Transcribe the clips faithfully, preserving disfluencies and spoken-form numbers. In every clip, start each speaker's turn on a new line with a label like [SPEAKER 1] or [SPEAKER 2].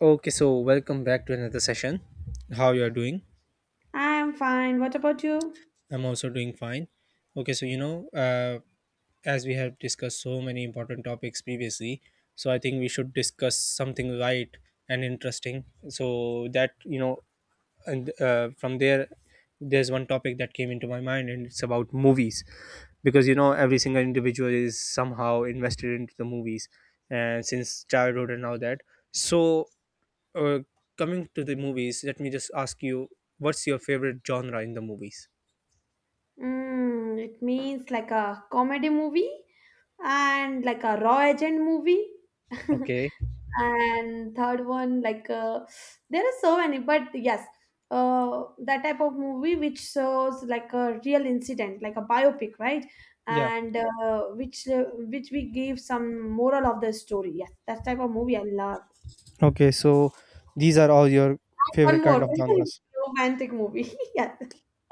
[SPEAKER 1] Okay, so welcome back to another session. How you are doing?
[SPEAKER 2] I'm fine. What about you?
[SPEAKER 1] I'm also doing fine. Okay, so you know, uh, as we have discussed so many important topics previously, so I think we should discuss something light and interesting. So that you know, and uh, from there, there's one topic that came into my mind, and it's about movies, because you know, every single individual is somehow invested into the movies, and since childhood and all that. So Uh, coming to the movies, let me just ask you, what's your favorite genre in the movies?
[SPEAKER 2] Mm, it means like a comedy movie and like a raw agent movie.
[SPEAKER 1] Okay.
[SPEAKER 2] And third one, like uh, there are so many, but yes, uh, that type of movie which shows like a real incident, like a biopic, right?
[SPEAKER 1] Yeah.
[SPEAKER 2] And uh, which uh, which we give some moral of the story. Yes, that type of movie I love.
[SPEAKER 1] Okay. So these are all your
[SPEAKER 2] One
[SPEAKER 1] favorite kind
[SPEAKER 2] more
[SPEAKER 1] of genres.
[SPEAKER 2] romantic movie. Yes,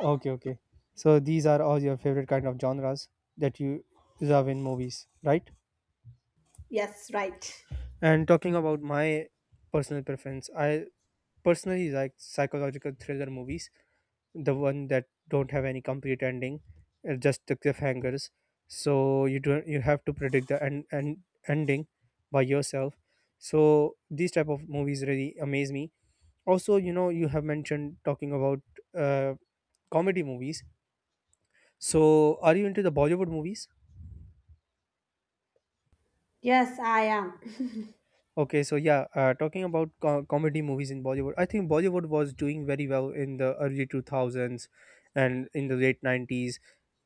[SPEAKER 1] Okay. Okay. So these are all your favorite kind of genres that you love in movies, right?
[SPEAKER 2] yes, right.
[SPEAKER 1] And talking about my personal preference, I personally like psychological thriller movies, the one that don't have any complete ending, uh, just the cliffhangers. So you don't you have to predict the end, end ending by yourself. So these type of movies really amaze me. Also, you know, you have mentioned talking about uh, comedy movies. So are you into the Bollywood movies?
[SPEAKER 2] Yes, I am.
[SPEAKER 1] Okay, so yeah, uh, talking about co- comedy movies in Bollywood, I think Bollywood was doing very well in the early two thousands and in the late nineties,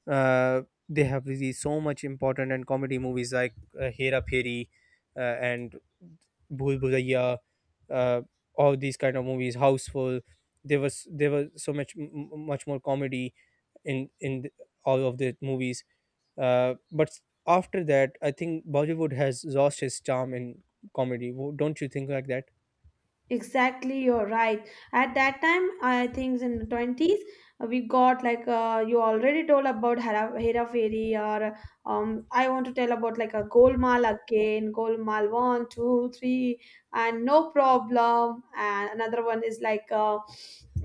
[SPEAKER 1] uh, they have released so much important and comedy movies like uh, Hera Phiri, uh, and Bhul Bhulaiya, uh, all these kind of movies, Houseful. There was there was so much m- m- much more comedy in in th- all of the movies. Uh, but after that, I think Bollywood has lost its charm in comedy. Wo- Don't you think like that?
[SPEAKER 2] Exactly, you're right. At that time, I think in the twenties, uh, we got like uh, you already told about Hera, Hera Fairy, or um, I want to tell about like a Golmaal again, Golmaal one, two, three, and no problem. And another one is like, uh,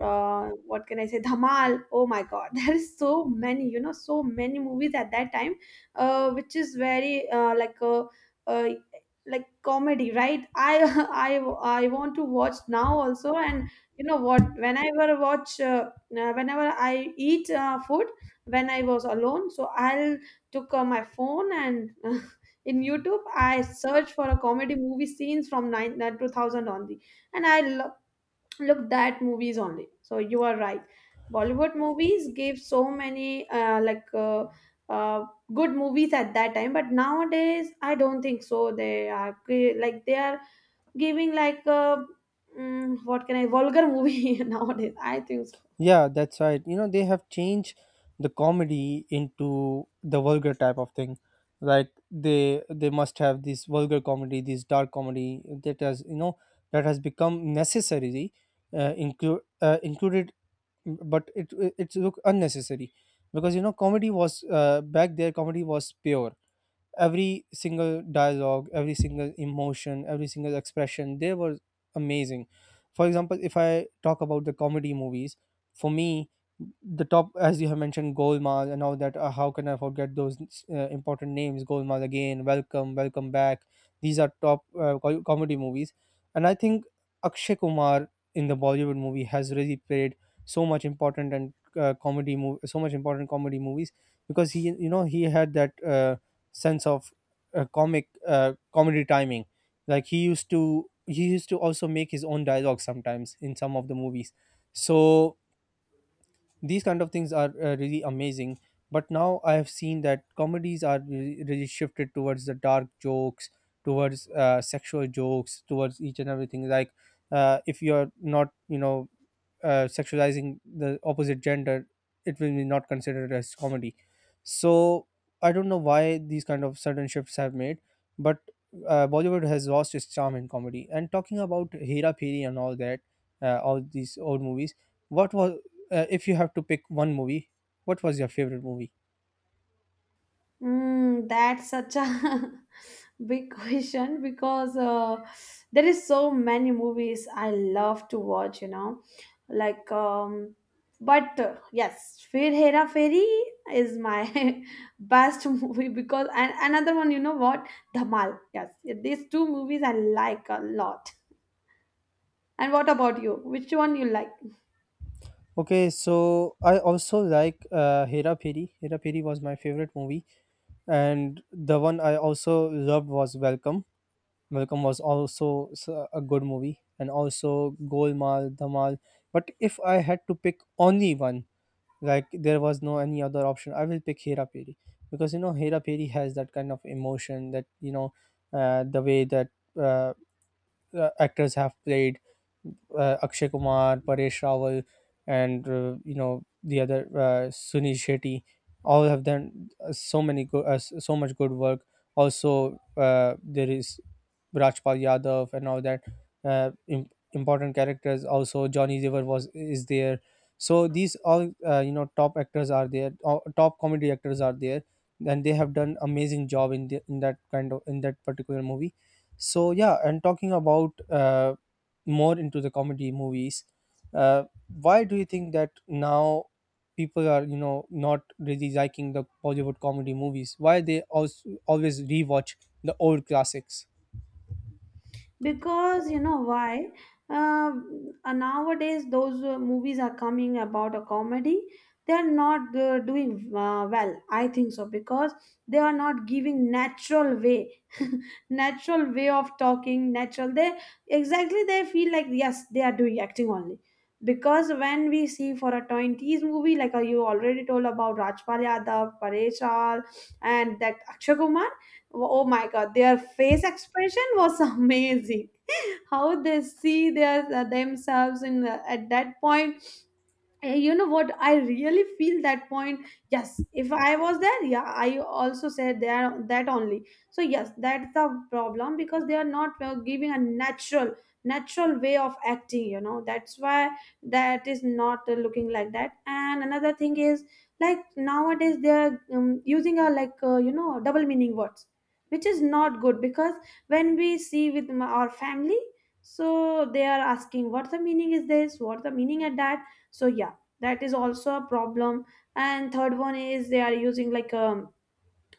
[SPEAKER 2] uh, what can I say, Dhamal. Oh my god, there is so many, you know, so many movies at that time, uh, which is very uh, like uh, uh, like comedy, right I i i want to watch now also. And you know what, whenever watch uh, uh, whenever I eat uh, food when I was alone, so I'll took uh, my phone and in YouTube I search for a comedy movie scenes from nine, uh, two thousand only, and I look that movies only. So you are right, Bollywood movies gave so many uh, like uh, uh, good movies at that time. But nowadays I don't think so they are cre- like they are giving like uh, mm, what can I, vulgar movie. Nowadays I think so.
[SPEAKER 1] Yeah, that's right. You know, they have changed the comedy into the vulgar type of thing. Like they they must have this vulgar comedy, this dark comedy that has, you know that has become necessary, uh, include uh, included, but it it- it's look unnecessary. Because, you know comedy was uh, back there, comedy was pure. Every single dialogue, every single emotion, every single expression, they were amazing. For example, if I talk about the comedy movies, for me, the top, as you have mentioned, Golmaal and all that, uh, how can I forget those uh, important names? Golmaal Again, Welcome, Welcome Back, these are top uh, co- comedy movies. And I think Akshay Kumar in the Bollywood movie has really played so much important and uh, comedy movie so much important comedy movies, because he you know he had that, uh, sense of uh, comic uh, comedy timing. Like he used to he used to also make his own dialogue sometimes in some of the movies. So these kind of things are, uh, really amazing. But now I have seen that comedies are really, really shifted towards the dark jokes, towards uh, sexual jokes, towards each and everything, like, uh, if you're not, you know uh, sexualizing the opposite gender, it will be not considered as comedy. So I don't know why these kind of sudden shifts have made, but uh, Bollywood has lost its charm in comedy. And talking about Hera Phiri and all that, uh, all these old movies, what was uh, if you have to pick one movie, what was your favorite movie?
[SPEAKER 2] Mm, that's such a big question, because uh, there is so many movies I love to watch, you know. Like, um, but uh, yes, Fir Hera Fairy is my best movie, because and another one, you know what? Dhamal. Yes, these two movies I like a lot. And what about you? Which one you like?
[SPEAKER 1] Okay, so I also like uh, Hera Phiri. Hera Phiri was my favorite movie, and the one I also loved was Welcome. Welcome was also s- a good movie, and also Golmaal, Dhamal. But if I had to pick only one, like there was no any other option, I will pick Hera Peri, because you know Hera Peri has that kind of emotion, that, you know uh, the way that, uh, uh, actors have played, uh, Akshay Kumar, Paresh Rawal, and uh, you know the other, uh, Sunil Shetty, all have done, uh, so many good, uh, s- so much good work. Also, uh, there is Rajpal Yadav and all that uh, im- important characters. Also, Johnny Dever was is there. So these all, uh, you know top actors are there, uh, top comedy actors are there, and they have done amazing job in the, in that kind of in that particular movie. So yeah, and talking about, uh, more into the comedy movies, uh, why do you think that now people are, you know not really liking the Bollywood comedy movies? Why they also always rewatch the old classics?
[SPEAKER 2] Because you know why, uh, uh, nowadays those uh, movies are coming about a comedy, they are not uh, doing uh, well, I think so, because they are not giving natural way. Natural way of talking, natural they, exactly they feel like yes, they are doing acting only. Because when we see for a twenties movie, like uh, you already told about Rajpal Yadav, Paresh Raval, and that Akshay Kumar, oh my god, their face expression was amazing. How they see their uh, themselves in uh, at that point. Uh, you know what, I really feel that point. Yes, if I was there, yeah, I also said there that only. So yes, that's the problem, because they are not uh, giving a natural natural way of acting, you know. That's why that is not uh, looking like that. And another thing is, like nowadays they are um, using a like uh, you know, double meaning words, which is not good because when we see with m- our family, so they are asking what the meaning is this, what the meaning at that. So yeah, that is also a problem. And third one is they are using like um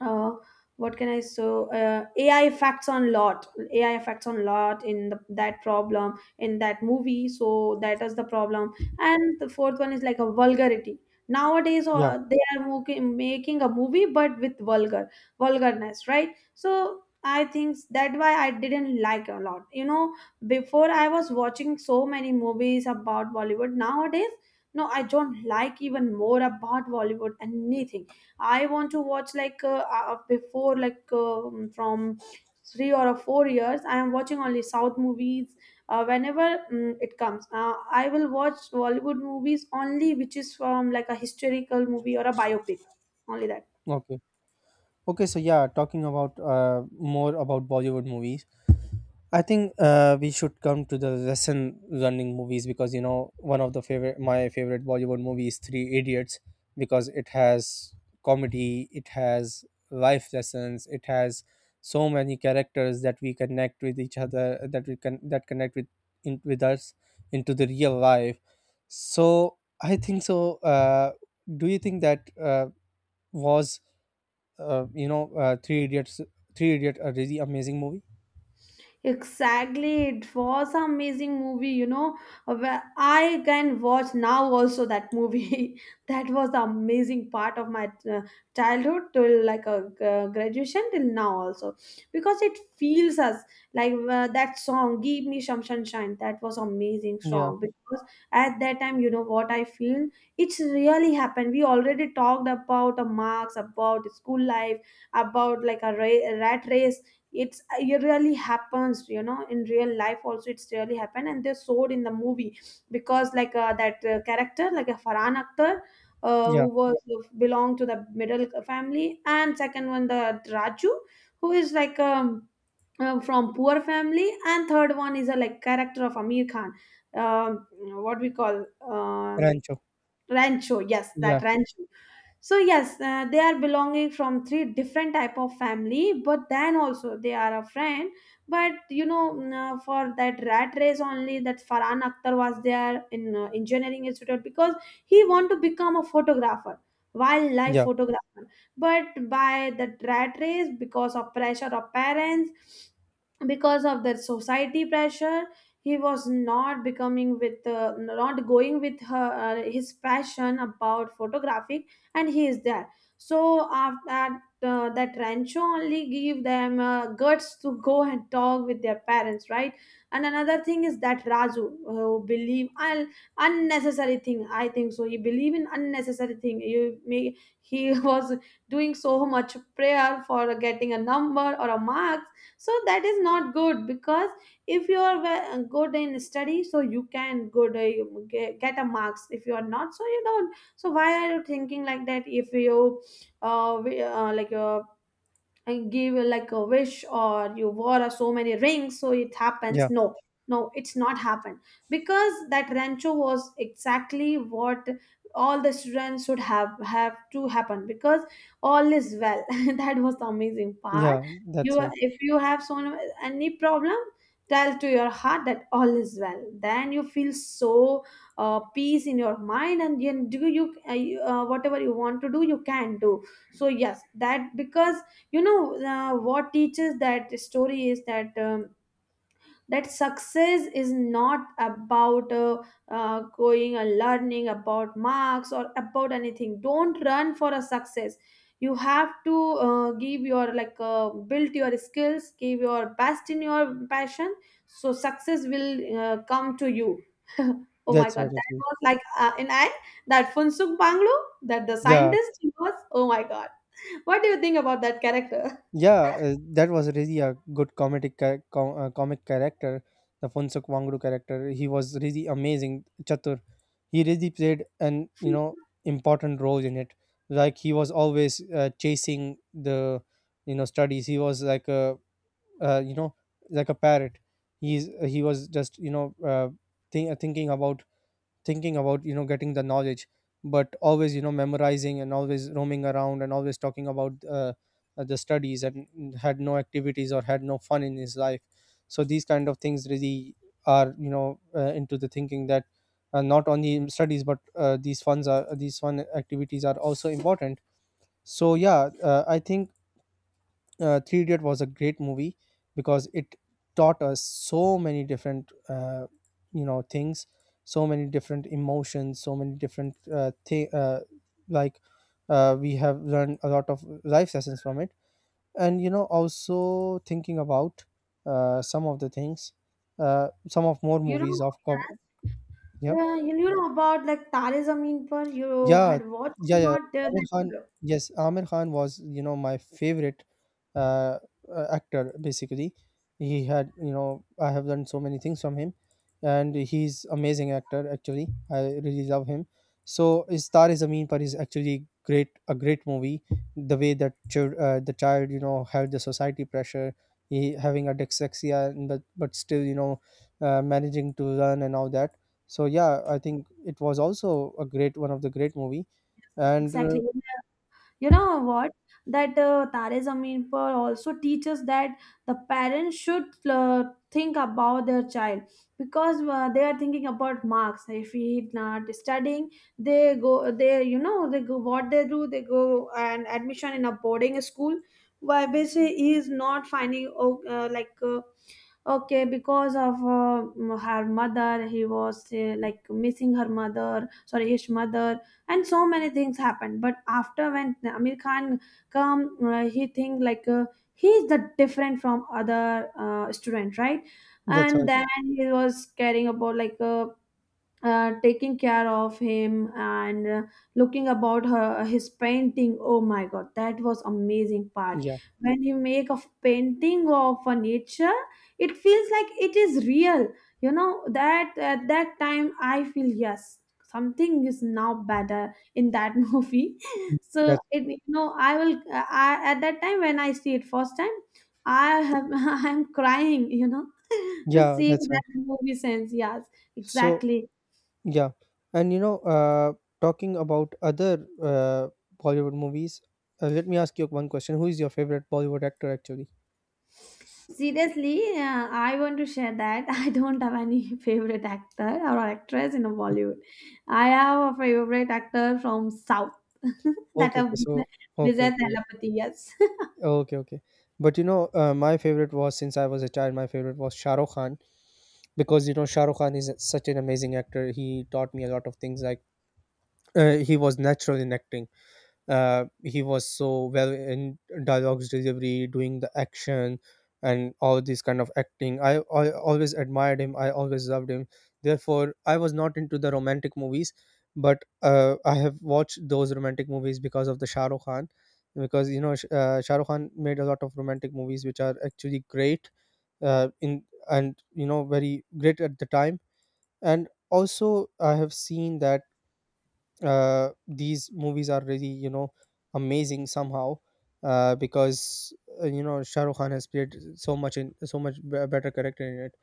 [SPEAKER 2] uh, what can I, so uh, A I effects on lot, A I effects on lot in the, that problem in that movie, so that is the problem. And the fourth one is like a vulgarity. Nowadays
[SPEAKER 1] Yeah.
[SPEAKER 2] uh, they are moki- making a movie but with vulgar vulgarness, right? So I think that why I didn't like a lot, you know. Before I was watching so many movies about Bollywood. Nowadays, no, I don't like even more about Bollywood anything. I want to watch like uh, uh, uh, before like um from three or uh, four years. I am watching only South movies uh, whenever mm it comes. Uh, I will watch Bollywood movies only, which is from like a historical movie or a biopic, only that.
[SPEAKER 1] Okay. Okay. So yeah, talking about uh, more about Bollywood movies. I think, uh, we should come to the lesson learning movies, because you know one of the favorite my favorite Bollywood movie is Three Idiots, because it has comedy, it has life lessons, it has so many characters that we connect with each other, that we can, that connect with in, with us into the real life. So I think so. Uh, do you think that, uh, was, uh, you know uh, Three Idiots Three Idiot a really amazing movie?
[SPEAKER 2] Exactly, it was an amazing movie, you know. uh, Where I can watch now also that movie. That was the amazing part of my uh, childhood till like a uh, graduation till now also, because it feels us like uh, that song "Give Me Some Sunshine." That was amazing
[SPEAKER 1] Yeah,
[SPEAKER 2] song, because at that time, you know what I feel. It's really happened. We already talked about the marks, about school life, about like a ra- rat race. It's it really happens, you know, in real life also it's really happened, and they showed in the movie. Because like uh, that uh, character like a Farhan Akhtar, uh, who
[SPEAKER 1] yeah,
[SPEAKER 2] was belonged to the middle family. And second one, the Raju, who is like um, uh, from poor family. And third one is a like character of Amir Khan, um, what we call, uh,
[SPEAKER 1] Rancho.
[SPEAKER 2] Rancho, yes, that
[SPEAKER 1] Yeah,
[SPEAKER 2] Rancho. So yes, uh, they are belonging from three different type of family, but then also they are a friend. But you know, mm, uh, for that rat race only, that Farhan Akhtar was there in uh, engineering institute, because he want to become a photographer, wildlife
[SPEAKER 1] yeah,
[SPEAKER 2] photographer. But by that rat race, because of pressure of parents, because of the society pressure, he was not becoming with uh, not going with her, uh, his passion about photography, and he is there. So after that uh, that Rancho only give them uh, guts to go and talk with their parents, right? And another thing is that Raju uh, who believe un unnecessary thing, I think so, he believe in unnecessary thing, you may. He was doing so much prayer for getting a number or a mark. So that is not good because if you are ve- good in study, so you can good uh, get get a marks. If you are not, so you don't. So why are you thinking like that? If you uh, we- uh like uh, and give uh, like a wish, or you wore uh, so many rings, so it happens,
[SPEAKER 1] yeah,
[SPEAKER 2] no, no, it's not happened. Because that Rancho was exactly what all the students should have have to happen, because all is well. That was the amazing part.
[SPEAKER 1] yeah.
[SPEAKER 2] You,
[SPEAKER 1] That's right.
[SPEAKER 2] if you have so any problem, tell to your heart that all is well, then you feel so uh, peace in your mind, and you do you uh, you, uh, whatever you want to do, you can do. So yes, that because you know uh, what teaches that story is that um, that success is not about uh, uh, going and learning about marks or about anything. Don't run for a success. You have to uh, give your like uh, build your skills, give your best in your passion, so success will uh, come to you. Oh my
[SPEAKER 1] That's
[SPEAKER 2] god,
[SPEAKER 1] right.
[SPEAKER 2] that
[SPEAKER 1] Actually,
[SPEAKER 2] was like uh, in I that Funsuk Banglo, that the
[SPEAKER 1] yeah,
[SPEAKER 2] scientist, he was, oh my god, what do you think about that character?
[SPEAKER 1] yeah. Uh, that was really a good comedic ca- com- uh, comic character, the Funsuk Wangru character. He was really amazing. Chatur, he really played an you know important role in it. Like he was always, uh, chasing the you know studies. He was like a, uh, you know like a parrot. He's he was just you know uh, think, thinking about thinking about you know getting the knowledge. But always you know memorizing, and always roaming around, and always talking about, uh, the studies, and had no activities or had no fun in his life. So these kind of things really are, you know uh, into the thinking that, uh, not only studies but, uh, these funds are these fun activities are also important. So yeah, uh, I think, uh, Three Idiot was a great movie, because it taught us so many different, uh, you know things, so many different emotions, so many different, uh, thi- uh, like uh, we have learned a lot of life lessons from it. And you know also thinking about, uh, some of the things, uh, some of more
[SPEAKER 2] You know,
[SPEAKER 1] movies of co- yeah.
[SPEAKER 2] yeah, you you know about like Tare Zameen Par. You
[SPEAKER 1] Yeah,
[SPEAKER 2] had watched or
[SPEAKER 1] yeah, yeah.
[SPEAKER 2] not uh,
[SPEAKER 1] Amir Khan,
[SPEAKER 2] that uh,
[SPEAKER 1] yes, Amir Khan was, you know, my favorite, uh, uh, actor basically. He had, you know, I have learned so many things from him, and he's amazing actor actually. I really love him. So, Star is Zameen Par is actually great, a great movie. The way that, chil- uh, the child, you know, had the society pressure, he having a dyslexia, and but but still, you know, uh, managing to learn and all that. So yeah, I think it was also a great one of the great movie. And, uh,
[SPEAKER 2] exactly. You know what? That uh, Tare Zameen Par also teaches that the parents should uh, think about their child. Because uh, they are thinking about marks. If he not studying, they go. They, you know, they go. What they do? They go and admission in a boarding school. Why basically he is not finding, oh, uh, like. Uh, okay, because of uh, her mother he was uh, like missing her mother, sorry his mother, and so many things happened. But after when Amir Khan come, uh, he think like uh, he is the different from other uh, student, right?
[SPEAKER 1] that's
[SPEAKER 2] And
[SPEAKER 1] why.
[SPEAKER 2] then he was caring about like uh, uh, taking care of him and uh, looking about her his painting, oh my god, that was amazing part.
[SPEAKER 1] Yeah.
[SPEAKER 2] When you make a f- painting of a nature, it feels like it is real. You know that at that time, I feel yes, something is now better in that movie. So
[SPEAKER 1] that
[SPEAKER 2] it, you know, I will, I, at that time when I see it first time, I have I am crying, you know, to
[SPEAKER 1] Yeah,
[SPEAKER 2] see
[SPEAKER 1] that's right.
[SPEAKER 2] that movie sense. Yes,
[SPEAKER 1] So
[SPEAKER 2] exactly.
[SPEAKER 1] yeah, and you know uh talking about other uh Bollywood movies, uh, let me ask you one question. Who is your favorite Bollywood actor actually?
[SPEAKER 2] Seriously, uh, I want to share that I don't have any favorite actor or actress in Bollywood. I have a favorite actor from South, that
[SPEAKER 1] Okay,
[SPEAKER 2] have
[SPEAKER 1] okay,
[SPEAKER 2] Vijay
[SPEAKER 1] so okay,
[SPEAKER 2] Vijay
[SPEAKER 1] okay,
[SPEAKER 2] Thalapathy. Yes,
[SPEAKER 1] yeah. Okay, okay. But you know uh, my favorite was since I was a child, my favorite was Shah Rukh Khan, because you know Shah Rukh Khan is such an amazing actor. He taught me a lot of things, like, uh, he was natural in acting, uh, he was so well in dialogues delivery, doing the action, and all this kind of acting. I, I always admired him. I always loved him. Therefore I was not into the romantic movies, but, uh, I have watched those romantic movies because of the Shah Rukh Khan. Because you know Sh- uh, Shah Rukh Khan made a lot of romantic movies which are actually great, uh, in, and you know very great at the time. And also I have seen that, uh, these movies are really, you know amazing somehow, uh, because, uh, you know Shah Rukh Khan has played so much in so much b- better character in it.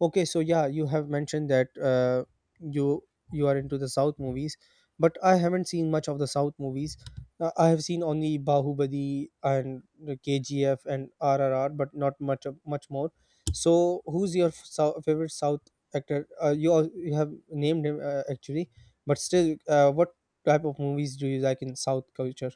[SPEAKER 1] Okay, so yeah, you have mentioned that, uh, you you are into the South movies, but I haven't seen much of the South movies. Uh, I have seen only Bahubali and the K G F and R R R, but not much of, much more. So, who's your f- sou- favorite South actor? Uh, you al- you have named him, uh, actually, but still, uh, what type of movies do you like in South culture?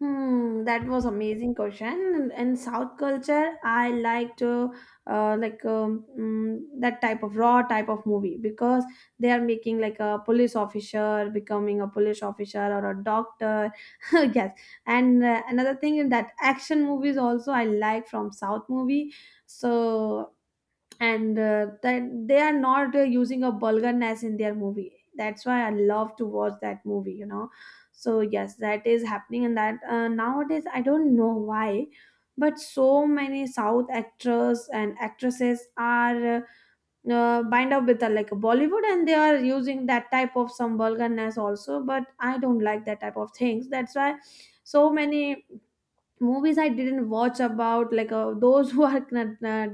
[SPEAKER 2] hmm, that was amazing question. In, in South culture, I like to uh, like um, mm, that type of raw type of movie, because they are making like a police officer, becoming a police officer or a doctor. Yes, and uh, another thing, in that action movies also I like from South movie. So and uh, that they are not uh, using a vulgarness in their movie, that's why I love to watch that movie you know So yes, that is happening. And that uh, nowadays I don't know why, but so many south actors and actresses are uh, uh, bind up with the like Bollywood, and they are using that type of some vulgarness also, but I don't like that type of things. That's why so many movies I didn't watch about like uh, those who are not, not,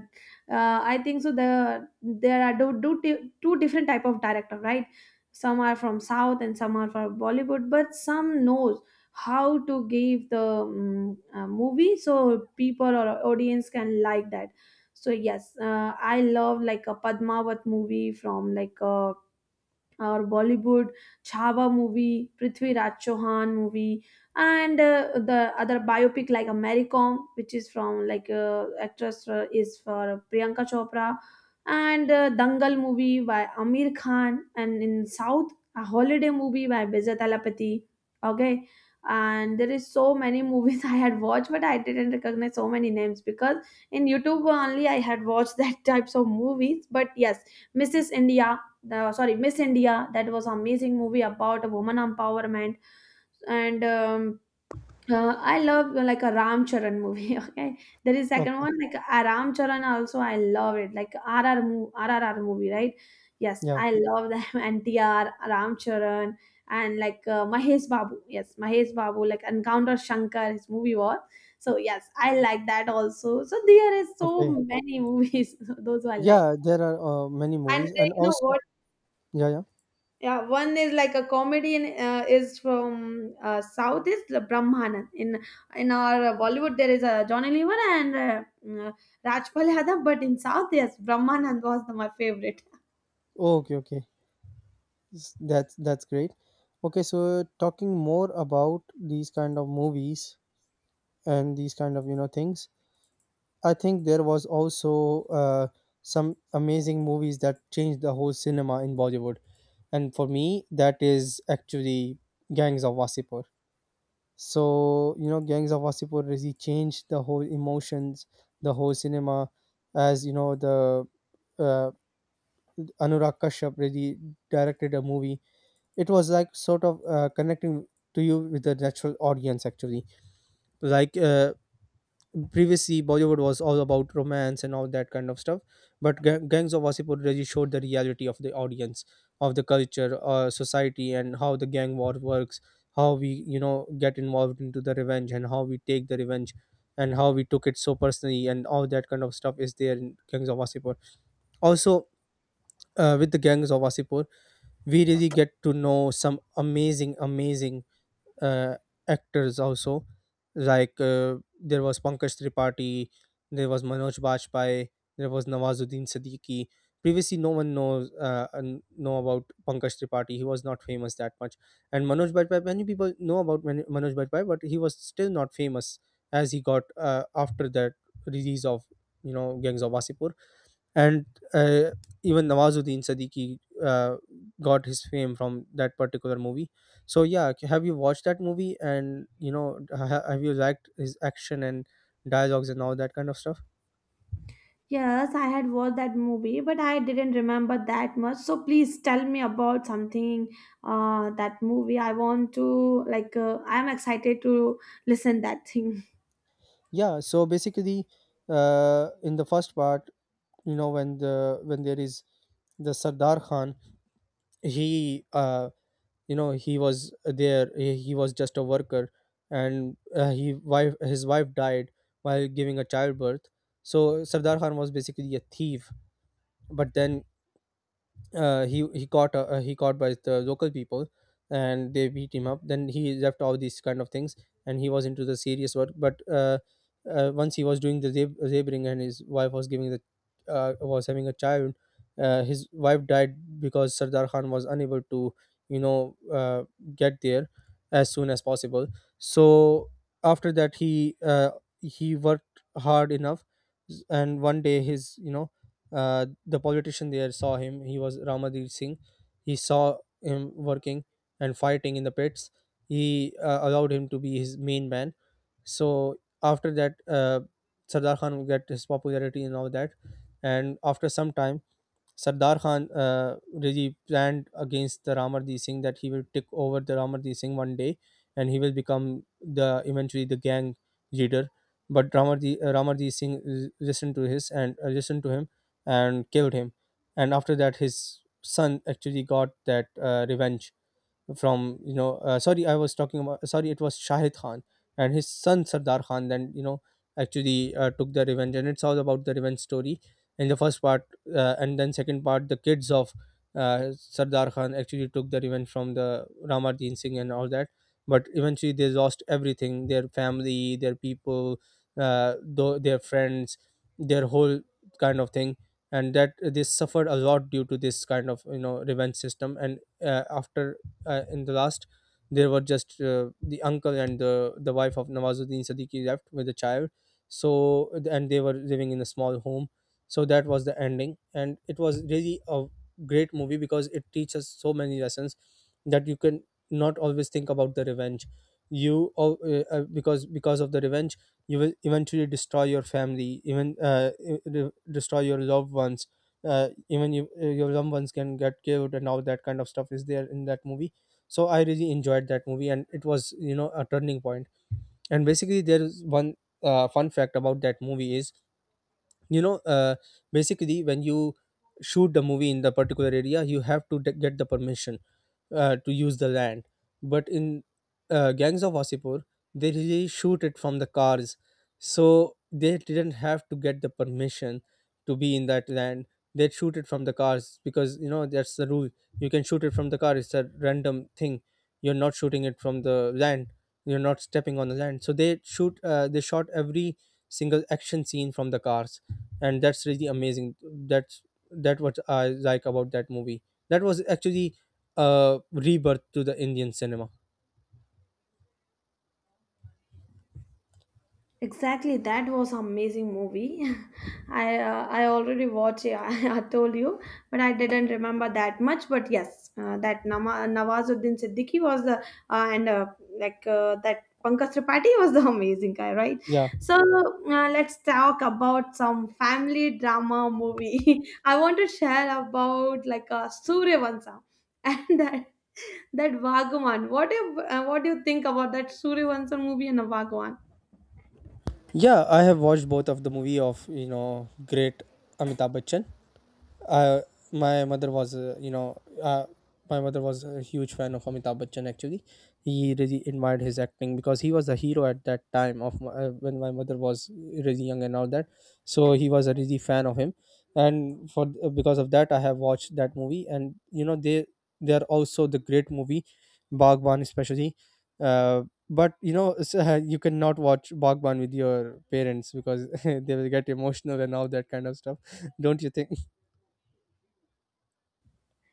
[SPEAKER 2] uh, I think so the there are do, do t- two different type of director, right? Some are from south and some are from Bollywood, but some knows how to give the um, uh, movie so people or audience can like that. So yes, uh, I love like a Padmavat movie from like uh, or Bollywood, Chhava movie, Prithvi Raj Chauhan movie, and uh, the other biopic like Americom, which is from like uh, actress uh, is for Priyanka Chopra, and uh, Dangal movie by Amir Khan, and in South a holiday movie by Bijay Talapati. Okay, and there is so many movies I had watched, but I didn't recognize so many names because in YouTube only I had watched that types of movies. But yes, Missus India, the sorry miss india, that was amazing movie about a woman empowerment. And um, uh, I love uh, like a Ram Charan movie okay. There is second
[SPEAKER 1] Okay.
[SPEAKER 2] one like a Ram Charan also I love it, like R R mo- R R R movie, right? Yes,
[SPEAKER 1] Yeah.
[SPEAKER 2] I love them. NTR, Ram Charan, and like uh, Mahesh Babu. Yes, Mahesh Babu, like Encounter Shankar, his movie was, so yes, I like that also. So there is so
[SPEAKER 1] Okay.
[SPEAKER 2] many movies those I like.
[SPEAKER 1] Yeah, there are, uh, many
[SPEAKER 2] And uh,
[SPEAKER 1] movies, and
[SPEAKER 2] you know
[SPEAKER 1] also,
[SPEAKER 2] what,
[SPEAKER 1] yeah, yeah.
[SPEAKER 2] yeah, one is like a comedian, uh, is from uh, south, is the Brahmanan. in in our Bollywood there is a Johnny Lever and uh, uh, Rajpal Yadav, but in south, yes, Brahmanan was the, my favorite.
[SPEAKER 1] Oh, okay, okay. S- That's that's great. Okay, so talking more about these kind of movies and these kind of you know things. I think there was also, uh, some amazing movies that changed the whole cinema in Bollywood, and for me, that is actually Gangs of Wasipur. So you know, Gangs of Wasipur really changed the whole emotions, the whole cinema, as you know the uh, Anurag Kashyap really directed a movie. It was like sort of, uh, connecting to you with the natural audience actually. Like uh, previously, Bollywood was all about romance and all that kind of stuff, but Ga- gangs of Wasseypur really showed the reality of the audience, of the culture, uh, society, and how the gang war works, how we you know get involved into the revenge, and how we take the revenge, and how we took it so personally, and all that kind of stuff is there in Gangs of Wasseypur also. Uh, with the Gangs of Wasseypur, we really get to know some amazing amazing uh, actors also, like uh, there was Pankaj Tripathi, there was Manoj Bajpayee, there was Nawazuddin Siddiqui. Previously, no one knows uh, and know about Pankaj Tripathi. He was not famous that much, and Manoj Bajpayee, many people know about Man- Manoj Bajpayee, but he was still not famous as he got uh, after that release of you know Gangs of Wasipur. And uh, even Nawazuddin Siddiqui uh, got his fame from that particular movie. So yeah, k- have you watched that movie? And you know, ha- ha- have you liked his action and dialogues and all that kind of stuff?
[SPEAKER 2] Yes, I had watched that movie, but I didn't remember that much, so please tell me about something. Uh, that movie I want to like uh, I'm excited to listen that thing.
[SPEAKER 1] Yeah. So basically, uh, in the first part, you know, when the when there is the Sardar Khan, he uh, you know, he was there, he, he was just a worker. And uh, he wife his wife died while giving a childbirth. So Sardar Khan was basically a thief, but then uh, he he caught uh, uh, he caught by the local people, and they beat him up. Then he left all these kind of things, and he was into the serious work. But uh, uh, once he was doing the lab- laboring, and his wife was giving the uh, was having a child. Uh, his wife died because Sardar Khan was unable to you know uh, get there as soon as possible. So after that he uh, he worked hard enough, and one day, his you know uh, the politician there saw him. He was Ramadir Singh. He saw him working and fighting in the pits. He uh, allowed him to be his main man. So after that, uh, Sardar Khan got his popularity and all that. And after some time, Sardar Khan uh, really planned against the Ramardeep Singh, that he will take over the Ramardeep Singh one day, and he will become the eventually the gang leader. But Ramardeep, uh, Ramardeep Singh l- listened to his, and uh, listened to him, and killed him. And after that, his son actually got that uh, revenge from, you know, uh, sorry, I was talking about, sorry, it was Shahid Khan, and his son Sardar Khan then, you know, actually uh, took the revenge, and it's all about the revenge story in the first part. Uh, and then, second part, the kids of uh, Sardar Khan actually took the revenge from the Ramarjeen Singh and all that. But eventually, they lost everything, their family, their people, uh, though their friends, their whole kind of thing. And that, they suffered a lot due to this kind of, you know, revenge system. And uh, after uh, in the last, there were just uh, the uncle and the the wife of Nawazuddin Siddiqui left with a child. So, and they were living in a small home. So that was the ending, and it was really a great movie, because it teaches so many lessons, that you can not always think about the revenge. You al- uh, uh, because because of the revenge, you will eventually destroy your family, even uh, e- de- destroy your loved ones. Uh, even you, uh, your loved ones can get killed, and all that kind of stuff is there in that movie. So I really enjoyed that movie, and it was, you know, a turning point point. And basically, there is one uh, fun fact about that movie is, you know uh, basically, when you shoot the movie in the particular area, you have to de- get the permission uh, to use the land. But in uh, Gangs of Wasipur, they really shoot it from the cars, so they didn't have to get the permission to be in that land. They shoot it from the cars because, you know, that's the rule. You can shoot it from the car, it's a random thing. You're not shooting it from the land, you're not stepping on the land. So they shoot uh, they shot every single action scene from the cars, and that's really amazing. That's that what I like about that movie. That was actually a rebirth to the Indian cinema.
[SPEAKER 2] Exactly, that was amazing movie. I uh, I already watched it, I told you, but I didn't remember that much. But yes, uh, that Nama, Nawazuddin Siddiqui was the uh, and uh, like uh, that Pankaj Tripathi was the amazing guy, right?
[SPEAKER 1] Yeah,
[SPEAKER 2] So uh, let's talk about some family drama movie. I want to share about like uh, Suryavansham and that that Vagwan. What do you, uh, what do you think about that Suryavansham movie and a Vagwan?
[SPEAKER 1] yeah, I have watched both of the movie of, you know, great Amitabh Bachchan. uh, my mother was, uh, you know uh, my mother was a huge fan of Amitabh Bachchan actually. He really admired his acting, because he was a hero at that time of my, uh, when my mother was really young and all that. So he was a really fan of him. And for uh, because of that, I have watched that movie, and, you know, they they are also the great movie. Bagban especially, uh, but you know, s- you cannot watch Bagban with your parents because they will get emotional and all that kind of stuff. Don't you think?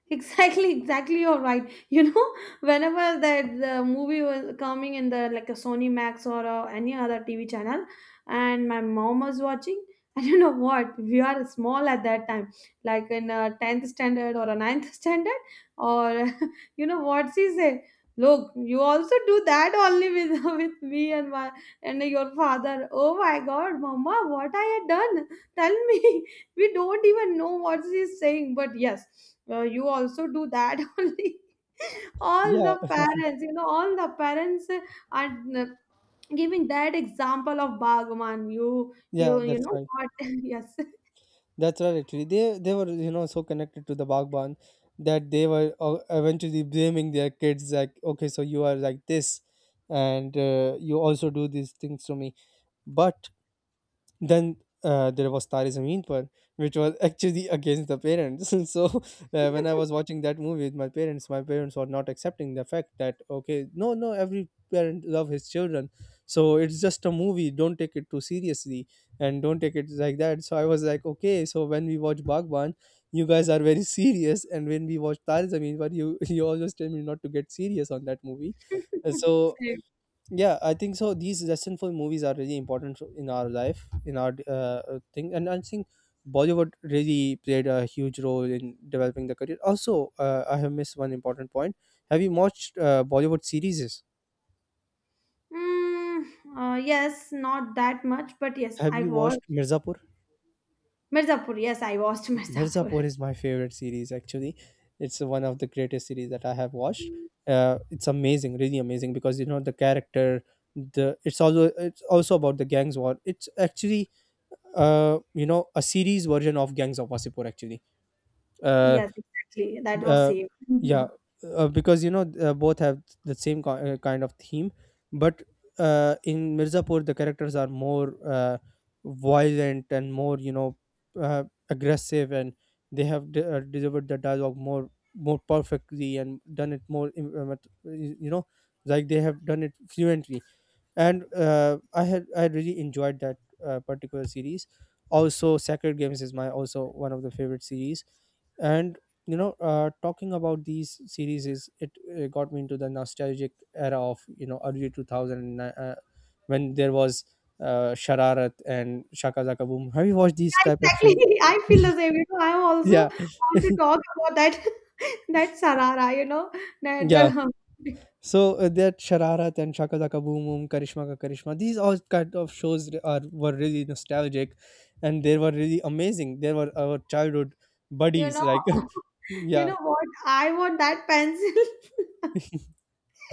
[SPEAKER 2] Exactly, exactly. You're right. You know, whenever that the movie was coming in the like a Sony Max or uh, any other T V channel, and my mom was watching, and you know what? We are small at that time, like in a tenth standard or a ninth standard, or you know what she said. Look, you also do that only with with me and my and your father. Oh my God, Mama, what I had done? Tell me, we don't even know what she's saying, but yes, uh, you also do that only. All the
[SPEAKER 1] Yeah,
[SPEAKER 2] parents, you know, all the parents uh, are uh, giving that example of Bhagwan. you
[SPEAKER 1] yeah,
[SPEAKER 2] you you
[SPEAKER 1] that's
[SPEAKER 2] know
[SPEAKER 1] right.
[SPEAKER 2] what? Yes.
[SPEAKER 1] That's right. Actually, they they were, you know, so connected to the Bagban that they were uh, eventually blaming their kids, like, okay, so you are like this, and uh, you also do these things to me. But then uh, there was Tare Zameen Par, which was actually against the parents. So uh, when I was watching that movie with my parents, my parents were not accepting the fact that, okay, no, no, every parent love his children. So it's just a movie, don't take it too seriously, and don't take it like that. So I was like, okay. So when we watch Bhagwan, you guys are very serious, and when we watch Tare Zameen Par, you you always tell me not to get serious on that movie. Uh, So yeah, I think so these lessons for movies are really important for- in our life, in our uh, thing. And I think Bollywood really played a huge role in developing the career also. uh, I have missed one important point. Have you watched uh, Bollywood series?
[SPEAKER 2] Mm, uh, yes, not that much, but yes,
[SPEAKER 1] Have
[SPEAKER 2] I
[SPEAKER 1] you
[SPEAKER 2] watched
[SPEAKER 1] watched Mirzapur?
[SPEAKER 2] Mirzapur. Yes, I watched Mirzapur.
[SPEAKER 1] Mirzapur is my favorite series, actually. It's one of the greatest series that I have watched. Uh, it's amazing, really amazing, because, you know, the character, the it's also, it's also about the gangs war. It's actually uh you know, a series version of Gangs of Wasipur actually. uh,
[SPEAKER 2] Yes, exactly. That was
[SPEAKER 1] uh
[SPEAKER 2] same.
[SPEAKER 1] yeah. Uh, because, you know, uh, both have the same ki- uh, kind of theme. But uh in Mirzapur, the characters are more uh violent and more, you know, uh, aggressive, and they have de- uh, delivered the dialogue more, more perfectly, and done it more im- uh, mat- you know, like, they have done it fluently. And uh, I had I really enjoyed that uh, particular series. Also, Sacred Games is my also one of the favorite series, and, you know, uh, talking about these series is it, uh got me into the nostalgic era of, you know, early two thousand, uh, when there was uh, Shararat and Shaka Zaka Boom. Have you watched these
[SPEAKER 2] Yeah,
[SPEAKER 1] type of
[SPEAKER 2] exactly.
[SPEAKER 1] shows?
[SPEAKER 2] I feel the same. You know, I also
[SPEAKER 1] Yeah,
[SPEAKER 2] want to talk about that that sarara, you know, that
[SPEAKER 1] yeah.
[SPEAKER 2] uh,
[SPEAKER 1] So, uh, that Shararat and Shaka Zaka Boom Boom, Karishma Ka Karishma, these all kind of shows re- are were really nostalgic, and they were really amazing. They were our childhood
[SPEAKER 2] you
[SPEAKER 1] buddies.
[SPEAKER 2] know,
[SPEAKER 1] Like,
[SPEAKER 2] you
[SPEAKER 1] yeah,
[SPEAKER 2] know what? I want that pencil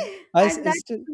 [SPEAKER 1] I, s-
[SPEAKER 2] and
[SPEAKER 1] I
[SPEAKER 2] that
[SPEAKER 1] still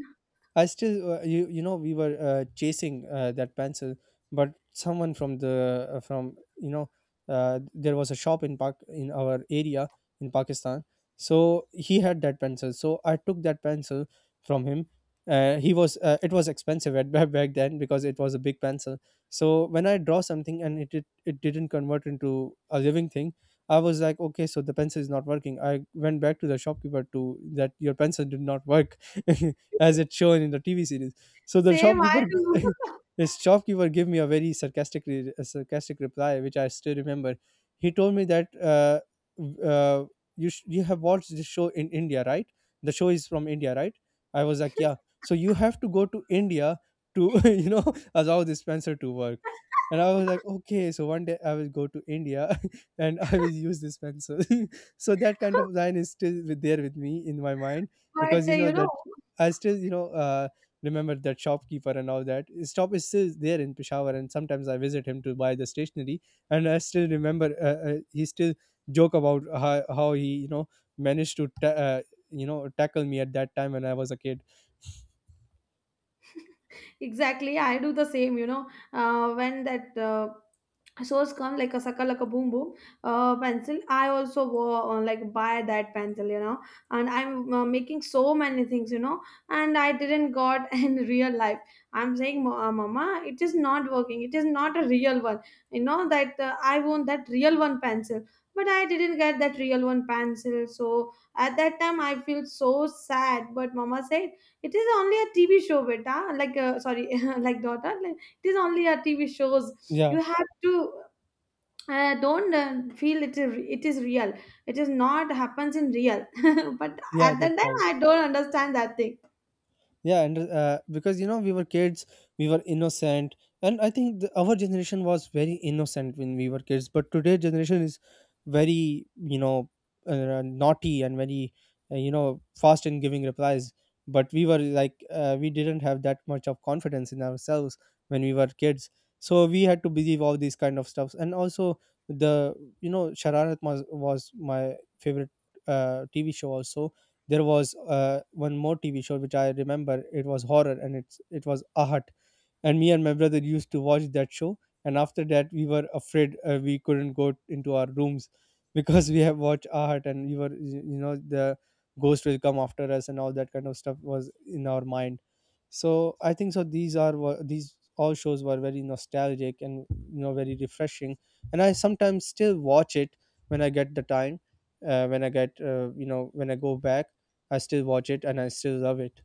[SPEAKER 1] I still, uh, you you know, we were uh, chasing uh, that pencil. But someone from the uh, from you know, uh, there was a shop in Pak in our area in Pakistan. So he had that pencil, so I took that pencil from him. Uh, he was uh, it was expensive at back back then because it was a big pencil. So when I draw something and it it, it didn't convert into a living thing, I was like, okay, so the pencil is not working. I went back to the shopkeeper to, that your pencil did not work. As it's shown in the T V series. So the
[SPEAKER 2] same I
[SPEAKER 1] shopkeeper,
[SPEAKER 2] do.
[SPEAKER 1] g- his shopkeeper gave me a very sarcastic, re- a sarcastic reply, which I still remember. He told me that uh, w- uh, you sh- you have watched this show in India, right? The show is from India, right? I was like, yeah. So you have to go to India to you know, allow this Spencer to work. And I was like, okay, so one day I will go to India and I will use this pencil. So that kind of line is still with, there with me in my mind,
[SPEAKER 2] But
[SPEAKER 1] because,
[SPEAKER 2] uh,
[SPEAKER 1] you know,
[SPEAKER 2] you know.
[SPEAKER 1] that I still, you know, uh, remember that shopkeeper and all that. His shop is still there in Peshawar, and sometimes I visit him to buy the stationery. And I still remember uh, uh, he still joke about how, how he, you know, managed to, ta- uh, you know, tackle me at that time when I was a kid.
[SPEAKER 2] Exactly, I do the same, you know. Uh, when that uh, source come, like a sucker, like a boom boom uh, pencil, I also go on like buy that pencil, you know, and I'm uh, making so many things, you know, and I didn't got in real life. I'm saying, "Ma- uh, mama, it is not working, it is not a real one. You know that uh, I want that real one pencil." But I didn't get that real one pencil, so at that time I feel so sad. But mama said it is only a T V show, beta. Like, uh, sorry, like daughter. Like, it is only a T V shows.
[SPEAKER 1] Yeah,
[SPEAKER 2] You have to uh, don't uh, feel it is it is real. It is not happens in real. But
[SPEAKER 1] yeah,
[SPEAKER 2] at
[SPEAKER 1] that's
[SPEAKER 2] that time,
[SPEAKER 1] right.
[SPEAKER 2] I don't understand that thing.
[SPEAKER 1] Yeah, and uh, because you know we were kids, we were innocent. And I think the, our generation was very innocent when we were kids, but today generation is very, you know, uh, naughty and very, uh, you know, fast in giving replies. But we were like, uh, we didn't have that much of confidence in ourselves when we were kids, so we had to believe all these kind of stuffs. And also the, you know, Shararat was, was my favorite uh, TV show also. There was uh, one more TV show which I remember, it was horror, and it's it was Ahat. And me and my brother used to watch that show, and after that we were afraid. Uh, we couldn't go into our rooms because we have watched art and we were, you you know, the ghost will come after us and all that kind of stuff was in our mind. So I think so, these are wha- these all shows were very nostalgic and, you know, very refreshing. And I sometimes still watch it when I get the time. Uh, when I get, uh, you know, when I go back, I still watch it and I still love it.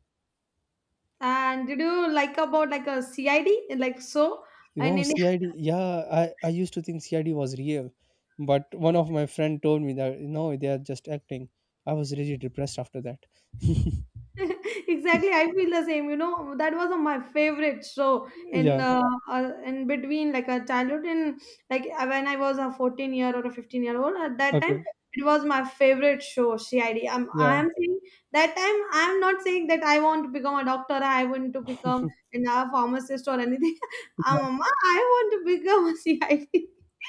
[SPEAKER 2] And did you like about like a C I D like so in
[SPEAKER 1] Oh,
[SPEAKER 2] India?
[SPEAKER 1] C I D. Yeah, I, I used to think C I D was real, but one of my friend told me that no, they are just acting. I was really depressed after that.
[SPEAKER 2] Exactly, I feel the same, you know. That was uh, my favorite show in
[SPEAKER 1] Yeah.
[SPEAKER 2] uh, uh, in between like a childhood and like uh, when I was a fourteen year or a fifteen year old. At that time
[SPEAKER 1] Okay.
[SPEAKER 2] it was my favorite show, CID. i'm
[SPEAKER 1] Yeah.
[SPEAKER 2] i'm saying that time I'm not saying that I want to become a doctor, I want to become an, a pharmacist or anything. Uh, mama, I want to become a CID.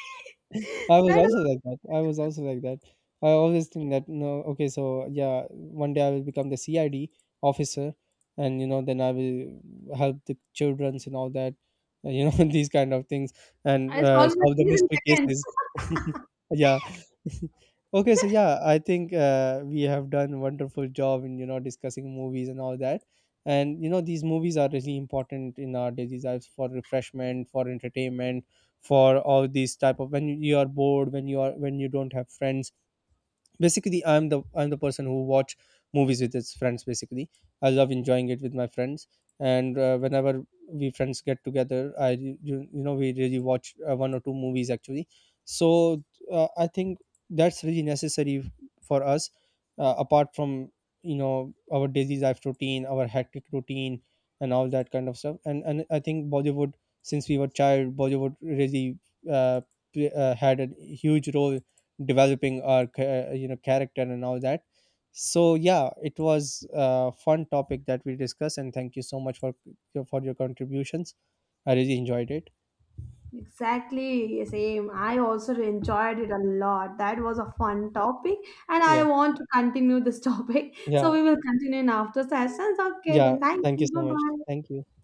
[SPEAKER 1] I was
[SPEAKER 2] That
[SPEAKER 1] also
[SPEAKER 2] was,
[SPEAKER 1] like that. I was also like that. I always think that no, okay, so yeah, one day I will become the C I D officer, and you know, then I will help the childrens and all that, uh, you know, these kind of things, and
[SPEAKER 2] I
[SPEAKER 1] uh,
[SPEAKER 2] solved the
[SPEAKER 1] solve the
[SPEAKER 2] case in
[SPEAKER 1] mystery
[SPEAKER 2] seconds.
[SPEAKER 1] cases. Yeah. Okay, so yeah, I think uh, we have done a wonderful job in, you know, discussing movies and all that, and you know, these movies are really important in our daily lives, for refreshment, for entertainment, for all these type of, when you are bored, when you are, when you don't have friends. Basically i'm the I'm the person who watch movies with his friends, basically. I love enjoying it with my friends. And uh, whenever we friends get together, I you, you know, we really watch uh, one or two movies actually. So uh, I think that's really necessary for us, uh, apart from, you know, our daily life routine, our hectic routine and all that kind of stuff. And and I think Bollywood, since we were child, Bollywood really uh, play- uh, had a huge role developing our cha- you know, character and all that. So yeah, it was a fun topic that we discussed, and thank you so much for for your contributions. I really enjoyed it.
[SPEAKER 2] Exactly, same. I also enjoyed it a lot. That was a fun topic, and I
[SPEAKER 1] Yeah,
[SPEAKER 2] want to continue this topic. So
[SPEAKER 1] yeah,
[SPEAKER 2] we will continue in after sessions. Okay,
[SPEAKER 1] yeah,
[SPEAKER 2] then thank
[SPEAKER 1] thank you
[SPEAKER 2] you.
[SPEAKER 1] so
[SPEAKER 2] Bye
[SPEAKER 1] much,
[SPEAKER 2] bye.
[SPEAKER 1] thank you.